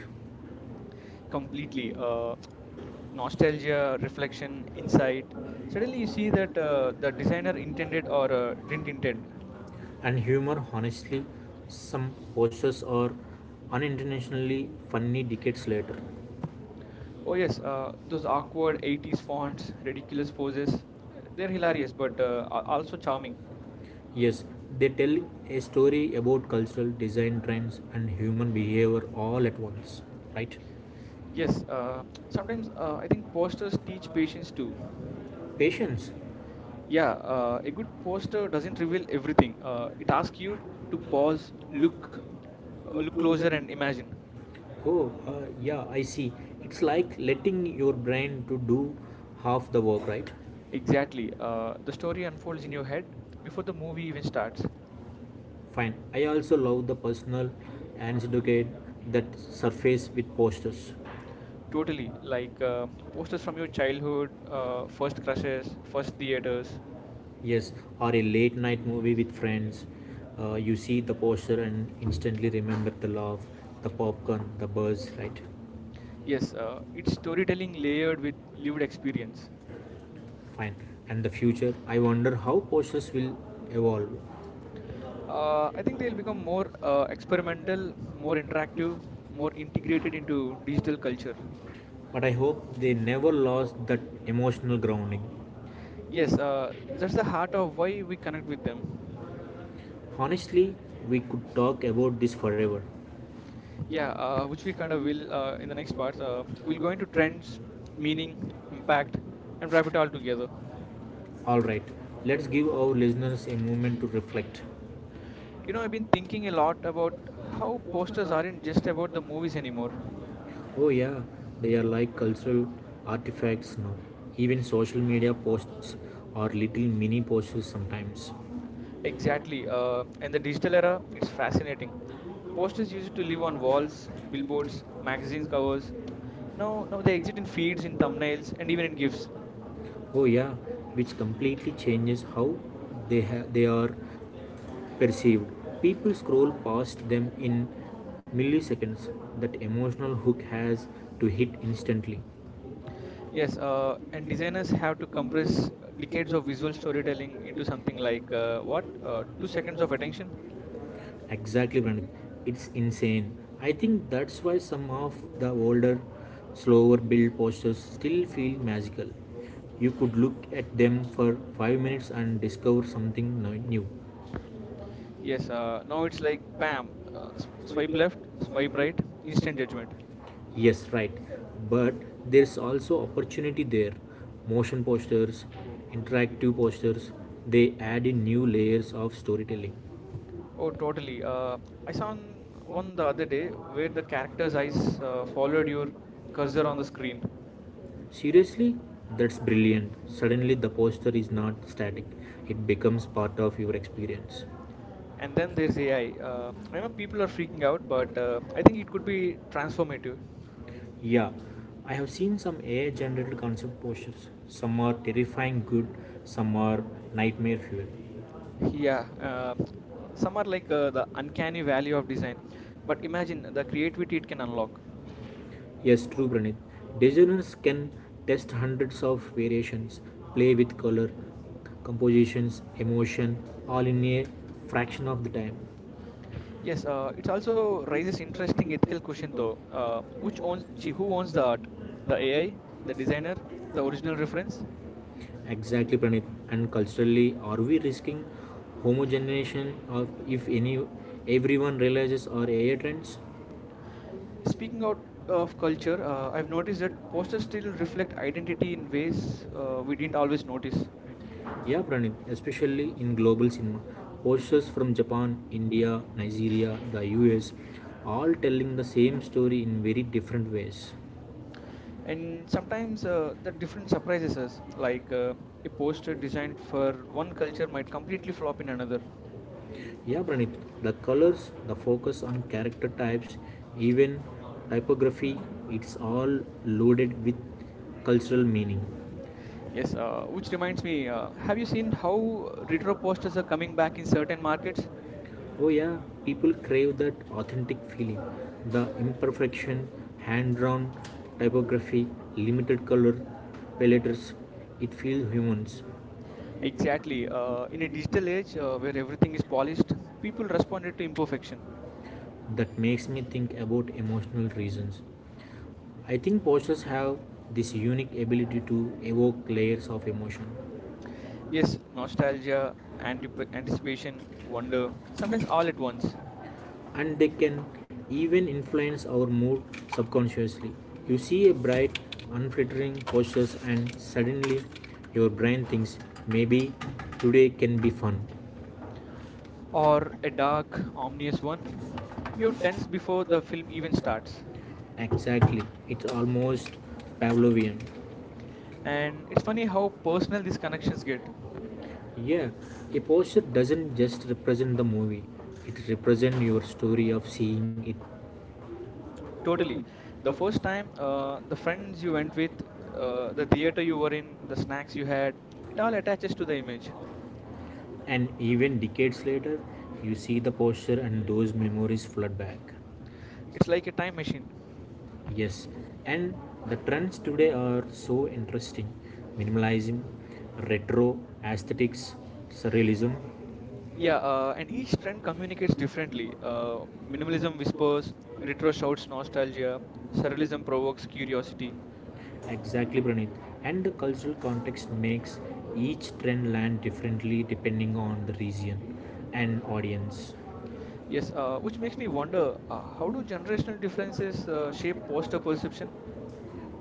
[SPEAKER 1] completely.
[SPEAKER 2] uh,
[SPEAKER 1] Nostalgia, reflection, insight. Suddenly, you see that the designer intended or didn't intend.
[SPEAKER 2] And humor, honestly, some posters are unintentionally funny decades later.
[SPEAKER 1] Oh yes, those awkward 80s fonts, ridiculous poses, they're hilarious but also charming.
[SPEAKER 2] Yes, they tell a story about cultural design trends and human behavior all at once, right? Yes.
[SPEAKER 1] Yes, sometimes I
[SPEAKER 2] uh,
[SPEAKER 1] think posters teach
[SPEAKER 2] patience
[SPEAKER 1] patience too.
[SPEAKER 2] Patience.
[SPEAKER 1] Yeah,
[SPEAKER 2] Yeah,
[SPEAKER 1] a
[SPEAKER 2] okay,
[SPEAKER 1] good
[SPEAKER 2] poster
[SPEAKER 1] poster doesn't
[SPEAKER 2] doesn't reveal
[SPEAKER 1] reveal
[SPEAKER 2] everything.
[SPEAKER 1] everything.
[SPEAKER 2] It
[SPEAKER 1] It
[SPEAKER 2] asks
[SPEAKER 1] asks you to
[SPEAKER 2] you to pause,
[SPEAKER 1] pause,
[SPEAKER 2] look,
[SPEAKER 1] look, look
[SPEAKER 2] look
[SPEAKER 1] closer
[SPEAKER 2] closer, and
[SPEAKER 1] and
[SPEAKER 2] imagine.
[SPEAKER 1] imagine.
[SPEAKER 2] Oh, yeah, I see. It's like letting your brain to do half the work, right? Exactly.
[SPEAKER 1] Exactly. The
[SPEAKER 2] The story
[SPEAKER 1] story unfolds
[SPEAKER 2] unfolds
[SPEAKER 1] in
[SPEAKER 2] in
[SPEAKER 1] your
[SPEAKER 2] your head
[SPEAKER 1] head
[SPEAKER 2] before
[SPEAKER 1] before
[SPEAKER 2] the
[SPEAKER 1] the movie
[SPEAKER 2] movie
[SPEAKER 1] even
[SPEAKER 2] starts.
[SPEAKER 1] starts.
[SPEAKER 2] Fine. I also love the personal and educate that surface with posters. Totally.
[SPEAKER 1] Totally. Like
[SPEAKER 2] Like
[SPEAKER 1] posters
[SPEAKER 2] posters
[SPEAKER 1] from
[SPEAKER 2] from your
[SPEAKER 1] your childhood, first
[SPEAKER 2] child,
[SPEAKER 1] crushes, first theaters.
[SPEAKER 2] yes, or a late night movie with friends. You see the poster and instantly remember the love, the popcorn, the buzz, right? Yes,
[SPEAKER 1] Yes, it's
[SPEAKER 2] it's the
[SPEAKER 1] storytelling
[SPEAKER 2] later
[SPEAKER 1] layered with
[SPEAKER 2] lived
[SPEAKER 1] lived
[SPEAKER 2] experience.
[SPEAKER 1] experience.
[SPEAKER 2] Fine. And the future, I wonder how posters will evolve.
[SPEAKER 1] I
[SPEAKER 2] It
[SPEAKER 1] think
[SPEAKER 2] will
[SPEAKER 1] they'll become
[SPEAKER 2] become more
[SPEAKER 1] more
[SPEAKER 2] experimental,
[SPEAKER 1] experimental, more
[SPEAKER 2] more interactive,
[SPEAKER 1] interactive,
[SPEAKER 2] more
[SPEAKER 1] more integrated
[SPEAKER 2] integrating
[SPEAKER 1] into
[SPEAKER 2] into digital
[SPEAKER 1] digital culture.
[SPEAKER 2] culture. But I hope they never lost that emotional grounding. Yes.
[SPEAKER 1] Yes, that's the heart of why we connect with them.
[SPEAKER 2] Honestly, we could talk about this forever.
[SPEAKER 1] Yeah, which we kind of will in the next parts. We'll go into trends, meaning, impact, and wrap it all together.
[SPEAKER 2] Alright, let's give our listeners a moment to reflect.
[SPEAKER 1] You
[SPEAKER 2] You
[SPEAKER 1] know,
[SPEAKER 2] know,
[SPEAKER 1] I've
[SPEAKER 2] I've
[SPEAKER 1] been
[SPEAKER 2] been
[SPEAKER 1] thinking a
[SPEAKER 2] thinking a lot
[SPEAKER 1] lot about
[SPEAKER 2] about
[SPEAKER 1] how
[SPEAKER 2] how posters
[SPEAKER 1] posters aren't
[SPEAKER 2] aren't just
[SPEAKER 1] just
[SPEAKER 2] about
[SPEAKER 1] about
[SPEAKER 2] the
[SPEAKER 1] the
[SPEAKER 2] movies
[SPEAKER 1] movies anymore.
[SPEAKER 2] anymore. Oh, yeah, they are like cultural artifacts now. Even social media posts are little mini posters sometimes. Exactly.
[SPEAKER 1] Exactly. In
[SPEAKER 2] And
[SPEAKER 1] the
[SPEAKER 2] the
[SPEAKER 1] digital era, it's fascinating.
[SPEAKER 2] Most is
[SPEAKER 1] Posters used to
[SPEAKER 2] usually
[SPEAKER 1] live on
[SPEAKER 2] on walls,
[SPEAKER 1] walls,
[SPEAKER 2] billboards,
[SPEAKER 1] billboards, magazines
[SPEAKER 2] magazine covers,
[SPEAKER 1] covers. Now, now
[SPEAKER 2] you
[SPEAKER 1] they
[SPEAKER 2] they
[SPEAKER 1] exist in
[SPEAKER 2] feel
[SPEAKER 1] feeds, in
[SPEAKER 2] for the minutes,
[SPEAKER 1] thumbnails, and
[SPEAKER 2] any
[SPEAKER 1] even in
[SPEAKER 2] interviews.
[SPEAKER 1] GIFs.
[SPEAKER 2] Oh yeah, which completely changes how they are perceived. People scroll past them in milliseconds. That emotional hook has to hit instantly. Yes,
[SPEAKER 1] Yes, and
[SPEAKER 2] designers
[SPEAKER 1] designers have
[SPEAKER 2] have to
[SPEAKER 1] to
[SPEAKER 2] compress
[SPEAKER 1] compress
[SPEAKER 2] decades
[SPEAKER 1] decades
[SPEAKER 2] of
[SPEAKER 1] of
[SPEAKER 2] visual
[SPEAKER 1] visual
[SPEAKER 2] storytelling
[SPEAKER 1] storytelling
[SPEAKER 2] to
[SPEAKER 1] into
[SPEAKER 2] something
[SPEAKER 1] something like
[SPEAKER 2] like what
[SPEAKER 1] what?
[SPEAKER 2] two
[SPEAKER 1] Two
[SPEAKER 2] seconds
[SPEAKER 1] seconds of
[SPEAKER 2] of
[SPEAKER 1] attention?
[SPEAKER 2] attention. Exactly, Pranit. It's insane. I think that's why some of the older, slower build posters still feel magical. You could look at them for 5 minutes and discover something new. Yes,
[SPEAKER 1] Yes,
[SPEAKER 2] now
[SPEAKER 1] now
[SPEAKER 2] it's
[SPEAKER 1] it's
[SPEAKER 2] like
[SPEAKER 1] like
[SPEAKER 2] bam,
[SPEAKER 1] bam,
[SPEAKER 2] swipe
[SPEAKER 1] swipe
[SPEAKER 2] left,
[SPEAKER 1] left, swipe
[SPEAKER 2] swipe right,
[SPEAKER 1] right, instant
[SPEAKER 2] instant.
[SPEAKER 1] judgment.
[SPEAKER 2] Yes, right. But there's also opportunity there. Motion posters, interactive posters, they add in new layers of storytelling.
[SPEAKER 1] Oh,
[SPEAKER 2] Oh, totally.
[SPEAKER 1] totally. I
[SPEAKER 2] I saw
[SPEAKER 1] saw one
[SPEAKER 2] one
[SPEAKER 1] the
[SPEAKER 2] the other
[SPEAKER 1] other
[SPEAKER 2] day
[SPEAKER 1] day where
[SPEAKER 2] where the
[SPEAKER 1] the character's
[SPEAKER 2] characters are,
[SPEAKER 1] eyes followed
[SPEAKER 2] followed your
[SPEAKER 1] your
[SPEAKER 2] cursor
[SPEAKER 1] cursor on the
[SPEAKER 2] on screen.
[SPEAKER 1] screen.
[SPEAKER 2] Seriously? That's brilliant. Suddenly, the poster is not static, it becomes part of your experience.
[SPEAKER 1] And then there's AI. I know
[SPEAKER 2] And
[SPEAKER 1] people are
[SPEAKER 2] kind
[SPEAKER 1] freaking out, but I
[SPEAKER 2] I
[SPEAKER 1] think
[SPEAKER 2] think
[SPEAKER 1] it could be transformative.
[SPEAKER 2] transformative. Yeah, I have seen some AI generated concept posters. Some are terrifying good, some are nightmare fuel.
[SPEAKER 1] Yeah, some
[SPEAKER 2] Some
[SPEAKER 1] are like the
[SPEAKER 2] uncanny.
[SPEAKER 1] uncanny value of design, but imagine the creativity it can unlock.
[SPEAKER 2] Yes, true, Pranit. Designers can test hundreds of variations, play with color, compositions, emotion, all in a fraction of the time. Yes,
[SPEAKER 1] Yes, it also raises interesting ethical question though.
[SPEAKER 2] Uh,
[SPEAKER 1] Who owns the art? The AI, the designer, the original reference?
[SPEAKER 2] exactly, Pranit. And culturally, are we risking homogenization of if any everyone realizes our AI trends?
[SPEAKER 1] Speaking
[SPEAKER 2] Speaking of,
[SPEAKER 1] out of
[SPEAKER 2] culture,
[SPEAKER 1] culture,
[SPEAKER 2] we've
[SPEAKER 1] I've
[SPEAKER 2] noticed
[SPEAKER 1] noticed that
[SPEAKER 2] that posters
[SPEAKER 1] posters
[SPEAKER 2] still
[SPEAKER 1] still
[SPEAKER 2] reflect
[SPEAKER 1] reflect
[SPEAKER 2] identity
[SPEAKER 1] identity
[SPEAKER 2] in
[SPEAKER 1] in
[SPEAKER 2] ways
[SPEAKER 1] ways we
[SPEAKER 2] we
[SPEAKER 1] didn't
[SPEAKER 2] didn't always
[SPEAKER 1] always
[SPEAKER 2] notice.
[SPEAKER 1] notice.
[SPEAKER 2] Right? Yeah, Pranit, especially in global cinema. Posters from Japan, India, Nigeria, the US, all telling the same story in very different ways. And
[SPEAKER 1] And sometimes
[SPEAKER 2] sometimes
[SPEAKER 1] the
[SPEAKER 2] the
[SPEAKER 1] different
[SPEAKER 2] difference of
[SPEAKER 1] surprises us
[SPEAKER 2] like
[SPEAKER 1] like a
[SPEAKER 2] a poster
[SPEAKER 1] poster
[SPEAKER 2] designed
[SPEAKER 1] designed
[SPEAKER 2] for
[SPEAKER 1] for
[SPEAKER 2] one
[SPEAKER 1] one culture
[SPEAKER 2] culture might
[SPEAKER 1] might
[SPEAKER 2] completely
[SPEAKER 1] completely
[SPEAKER 2] different
[SPEAKER 1] flop in
[SPEAKER 2] in another.
[SPEAKER 1] another.
[SPEAKER 2] Yeah, Pranit, the colors, the focus on character types, even typography, it's all loaded with cultural meaning.
[SPEAKER 1] Yes, which reminds me, have you seen how retro posters are coming back in certain markets?
[SPEAKER 2] Oh, yeah, people crave that authentic feeling, the imperfection, hand drawn typography, limited color palettes, it feels humans
[SPEAKER 1] Exactly, in a digital age where everything is polished, people responded to imperfection.
[SPEAKER 2] that makes me think about emotional reasons. I think posters have this unique ability to evoke layers of emotion. Yes,
[SPEAKER 1] Yes,
[SPEAKER 2] constant
[SPEAKER 1] nostalgia, anticipation,
[SPEAKER 2] wonder,
[SPEAKER 1] wonder, sometimes
[SPEAKER 2] all
[SPEAKER 1] all
[SPEAKER 2] at
[SPEAKER 1] at
[SPEAKER 2] once.
[SPEAKER 1] once.
[SPEAKER 2] And they can even influence our mood subconsciously. You see a bright, unflattering posture, and suddenly your brain thinks maybe today can be fun.
[SPEAKER 1] Or a dark, ominous one. You are tense before the film even starts.
[SPEAKER 2] Exactly. It's almost Pavlovian. And
[SPEAKER 1] And it's
[SPEAKER 2] it's
[SPEAKER 1] funny
[SPEAKER 2] funny how
[SPEAKER 1] how
[SPEAKER 2] personal
[SPEAKER 1] personal these
[SPEAKER 2] this connection
[SPEAKER 1] connections
[SPEAKER 2] is
[SPEAKER 1] get.
[SPEAKER 2] getting. Yeah, a poster doesn't just represent the movie, it represents your story of seeing it. Totally.
[SPEAKER 1] Totally.
[SPEAKER 2] The
[SPEAKER 1] The first time,
[SPEAKER 2] the
[SPEAKER 1] the
[SPEAKER 2] fact
[SPEAKER 1] friends
[SPEAKER 2] that you
[SPEAKER 1] you
[SPEAKER 2] went
[SPEAKER 1] went
[SPEAKER 2] through,
[SPEAKER 1] with,
[SPEAKER 2] uh,
[SPEAKER 1] the theater
[SPEAKER 2] that you
[SPEAKER 1] you
[SPEAKER 2] were
[SPEAKER 1] were in, the snacks you had, it all attaches
[SPEAKER 2] to
[SPEAKER 1] to
[SPEAKER 2] the
[SPEAKER 1] the
[SPEAKER 2] image.
[SPEAKER 1] image.
[SPEAKER 2] And even decades later, you see the poster and those memories flood back. It's
[SPEAKER 1] It's
[SPEAKER 2] like
[SPEAKER 1] like a
[SPEAKER 2] having a
[SPEAKER 1] time
[SPEAKER 2] question.
[SPEAKER 1] machine.
[SPEAKER 2] Yes, and the trends today are so interesting: minimalism, retro aesthetics, surrealism. Yeah,
[SPEAKER 1] Yeah,
[SPEAKER 2] I
[SPEAKER 1] and each trend
[SPEAKER 2] communicates
[SPEAKER 1] communicates
[SPEAKER 2] differently.
[SPEAKER 1] differently.
[SPEAKER 2] Minimalism
[SPEAKER 1] Minimalism whispers, retro
[SPEAKER 2] retrieves
[SPEAKER 1] shouts nostalgia,
[SPEAKER 2] surveillance
[SPEAKER 1] surrealism
[SPEAKER 2] provokes
[SPEAKER 1] provokes
[SPEAKER 2] curiosity.
[SPEAKER 1] curiosity.
[SPEAKER 2] Exactly, Pranit. And the cultural context makes each trend land differently depending on the region and audience. Yes,
[SPEAKER 1] Yes,
[SPEAKER 2] which
[SPEAKER 1] which
[SPEAKER 2] makes
[SPEAKER 1] makes
[SPEAKER 2] me
[SPEAKER 1] me
[SPEAKER 2] wonder,
[SPEAKER 1] wonder, how
[SPEAKER 2] how do
[SPEAKER 1] do generational differences
[SPEAKER 2] generations
[SPEAKER 1] shape
[SPEAKER 2] shape what's
[SPEAKER 1] poster
[SPEAKER 2] the person?
[SPEAKER 1] perception?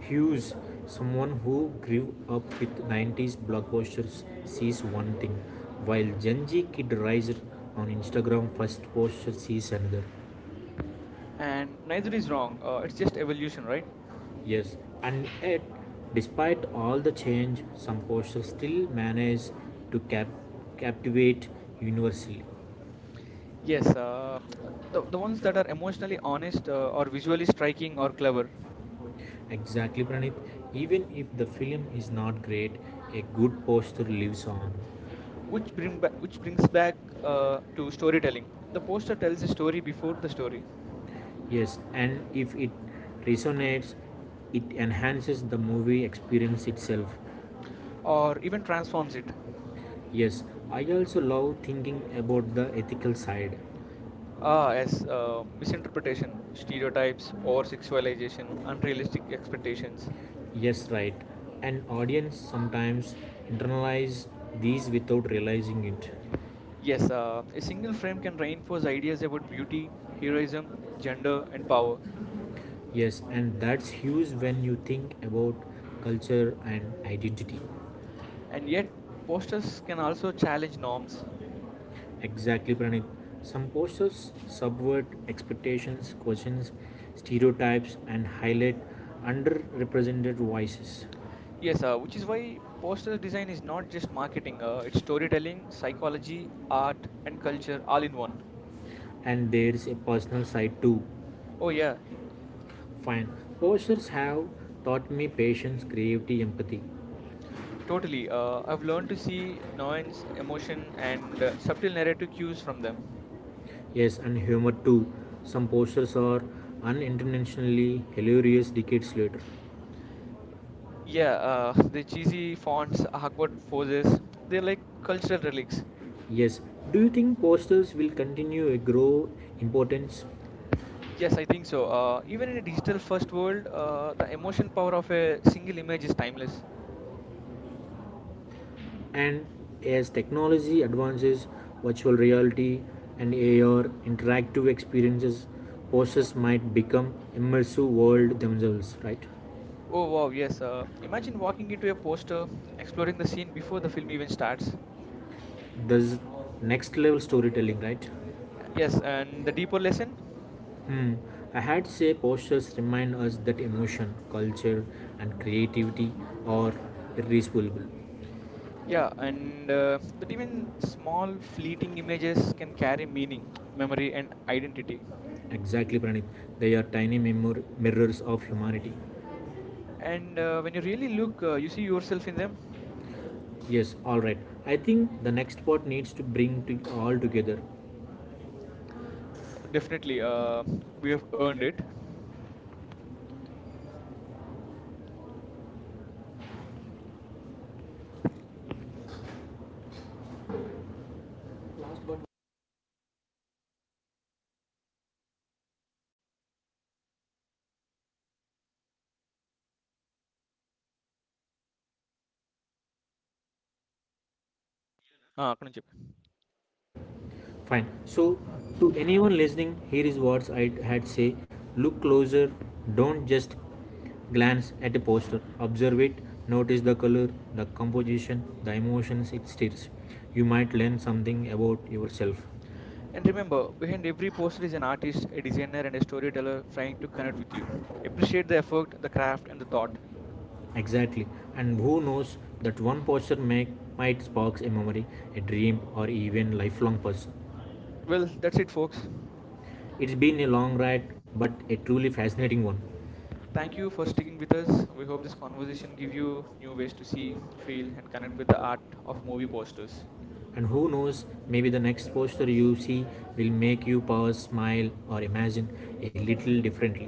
[SPEAKER 2] Hughes, someone who grew up with 90s blockbusters, sees one thing, while Gen Z Kid Riser on Instagram first poster sees another. And
[SPEAKER 1] And neither
[SPEAKER 2] nothing's
[SPEAKER 1] is
[SPEAKER 2] wrong,
[SPEAKER 1] wrong, it's
[SPEAKER 2] it's just
[SPEAKER 1] just evolution,
[SPEAKER 2] evolution, right?
[SPEAKER 1] right?
[SPEAKER 2] Yes, and yet, despite all the change, some posters still manage to captivate universally. Yes.
[SPEAKER 1] Yes, uh,
[SPEAKER 2] The
[SPEAKER 1] the, the ones
[SPEAKER 2] ones
[SPEAKER 1] that are emotionally honest, or visually striking or clever,
[SPEAKER 2] exactly, Pranit. Even if the film is not great, a good poster lives on.
[SPEAKER 1] which brings back to storytelling. The poster tells a story before the story,
[SPEAKER 2] Yes, and if it resonates, it enhances the movie experience itself.
[SPEAKER 1] or even transforms it.
[SPEAKER 2] Yes, I also love thinking about the ethical side.
[SPEAKER 1] Ah, yes, misinterpretation, stereotypes, over sexualization, unrealistic expectations.
[SPEAKER 2] Yes, right. An audience sometimes internalize these without realizing it.
[SPEAKER 1] Yes, a single frame can reinforce ideas about beauty, heroism, gender, and power.
[SPEAKER 2] Yes, and that's huge when you think about culture and identity.
[SPEAKER 1] And yet, posters can also challenge norms.
[SPEAKER 2] Exactly, Pranit. Some posters subvert expectations, questions stereotypes, and highlight underrepresented voices.
[SPEAKER 1] Yes, which is why poster design is not just marketing, it's storytelling, psychology, art, and culture all in one.
[SPEAKER 2] And there's a personal side too.
[SPEAKER 1] Oh, yeah,
[SPEAKER 2] Fine. Posters have taught me patience, creativity, empathy.
[SPEAKER 1] totally. I've learned to see nuance, emotion, and subtle narrative cues from them.
[SPEAKER 2] Yes, and humor too. Some posters are unintentionally hilarious decades later. Yeah.
[SPEAKER 1] Yeah, *laughs* the cheesy fonts, awkward poses, they're like cultural relics.
[SPEAKER 2] Yes, do you think posters will continue to grow importance?
[SPEAKER 1] Yes, I think so. Even in a digital first world, the emotion power of a single image is timeless.
[SPEAKER 2] And as technology advances, virtual reality and AR interactive experiences, posters might become immersive world themselves, right?
[SPEAKER 1] Oh, wow, yes. Imagine walking into a poster, exploring the scene before the film even starts.
[SPEAKER 2] There's next level storytelling, right?
[SPEAKER 1] Yes, and the deeper lesson,
[SPEAKER 2] Hmm. I had say postures remind us that emotion, culture, and creativity are irreplaceable.
[SPEAKER 1] yeah, and that even small fleeting images can carry meaning, memory, and identity.
[SPEAKER 2] Exactly, Pranit. They are tiny mirrors of humanity.
[SPEAKER 1] And when you really look, you see yourself in them.
[SPEAKER 2] Yes, all right. I think the next part needs to bring to all together.
[SPEAKER 1] Definitely,
[SPEAKER 2] Definitely,
[SPEAKER 1] we
[SPEAKER 2] we have
[SPEAKER 1] have earned
[SPEAKER 2] earned it.
[SPEAKER 1] it. Ah, అక్కడ నుంచి చెప్పు.
[SPEAKER 2] Fine. So, to anyone listening, here is what I had say: look closer. Don't just glance at a poster. Observe it. Notice the color, the composition, the emotions it stirs. You might learn something about yourself.
[SPEAKER 1] And remember, behind every poster is an artist, a designer, and a storyteller trying to connect with you. Appreciate the effort, the craft, and the thought.
[SPEAKER 2] Exactly. And who knows that one posture may, might spark a memory, a dream, or even lifelong person.
[SPEAKER 1] Well, that's it, folks.
[SPEAKER 2] It's been a long ride, but a truly fascinating one.
[SPEAKER 1] Thank you for sticking with us. We hope this conversation give you new ways to see, feel, and connect with the art of movie posters.
[SPEAKER 2] And who knows, maybe the next poster you see will make you pause, smile, or imagine a little differently.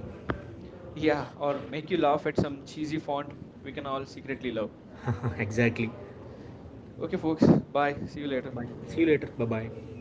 [SPEAKER 2] Yeah,
[SPEAKER 1] Yeah,
[SPEAKER 2] well,
[SPEAKER 1] or make
[SPEAKER 2] if
[SPEAKER 1] you
[SPEAKER 2] you love,
[SPEAKER 1] laugh at
[SPEAKER 2] it's
[SPEAKER 1] some
[SPEAKER 2] a cheesy
[SPEAKER 1] cheesy font
[SPEAKER 2] font. You
[SPEAKER 1] we
[SPEAKER 2] can
[SPEAKER 1] can
[SPEAKER 2] all
[SPEAKER 1] all
[SPEAKER 2] secretly
[SPEAKER 1] secretly
[SPEAKER 2] love.
[SPEAKER 1] love.
[SPEAKER 2] *laughs* exactly. Okay,
[SPEAKER 1] Okay,
[SPEAKER 2] folks.
[SPEAKER 1] folks,
[SPEAKER 2] Bye.
[SPEAKER 1] bye. See you later.
[SPEAKER 2] Bye. See you later. Bye bye.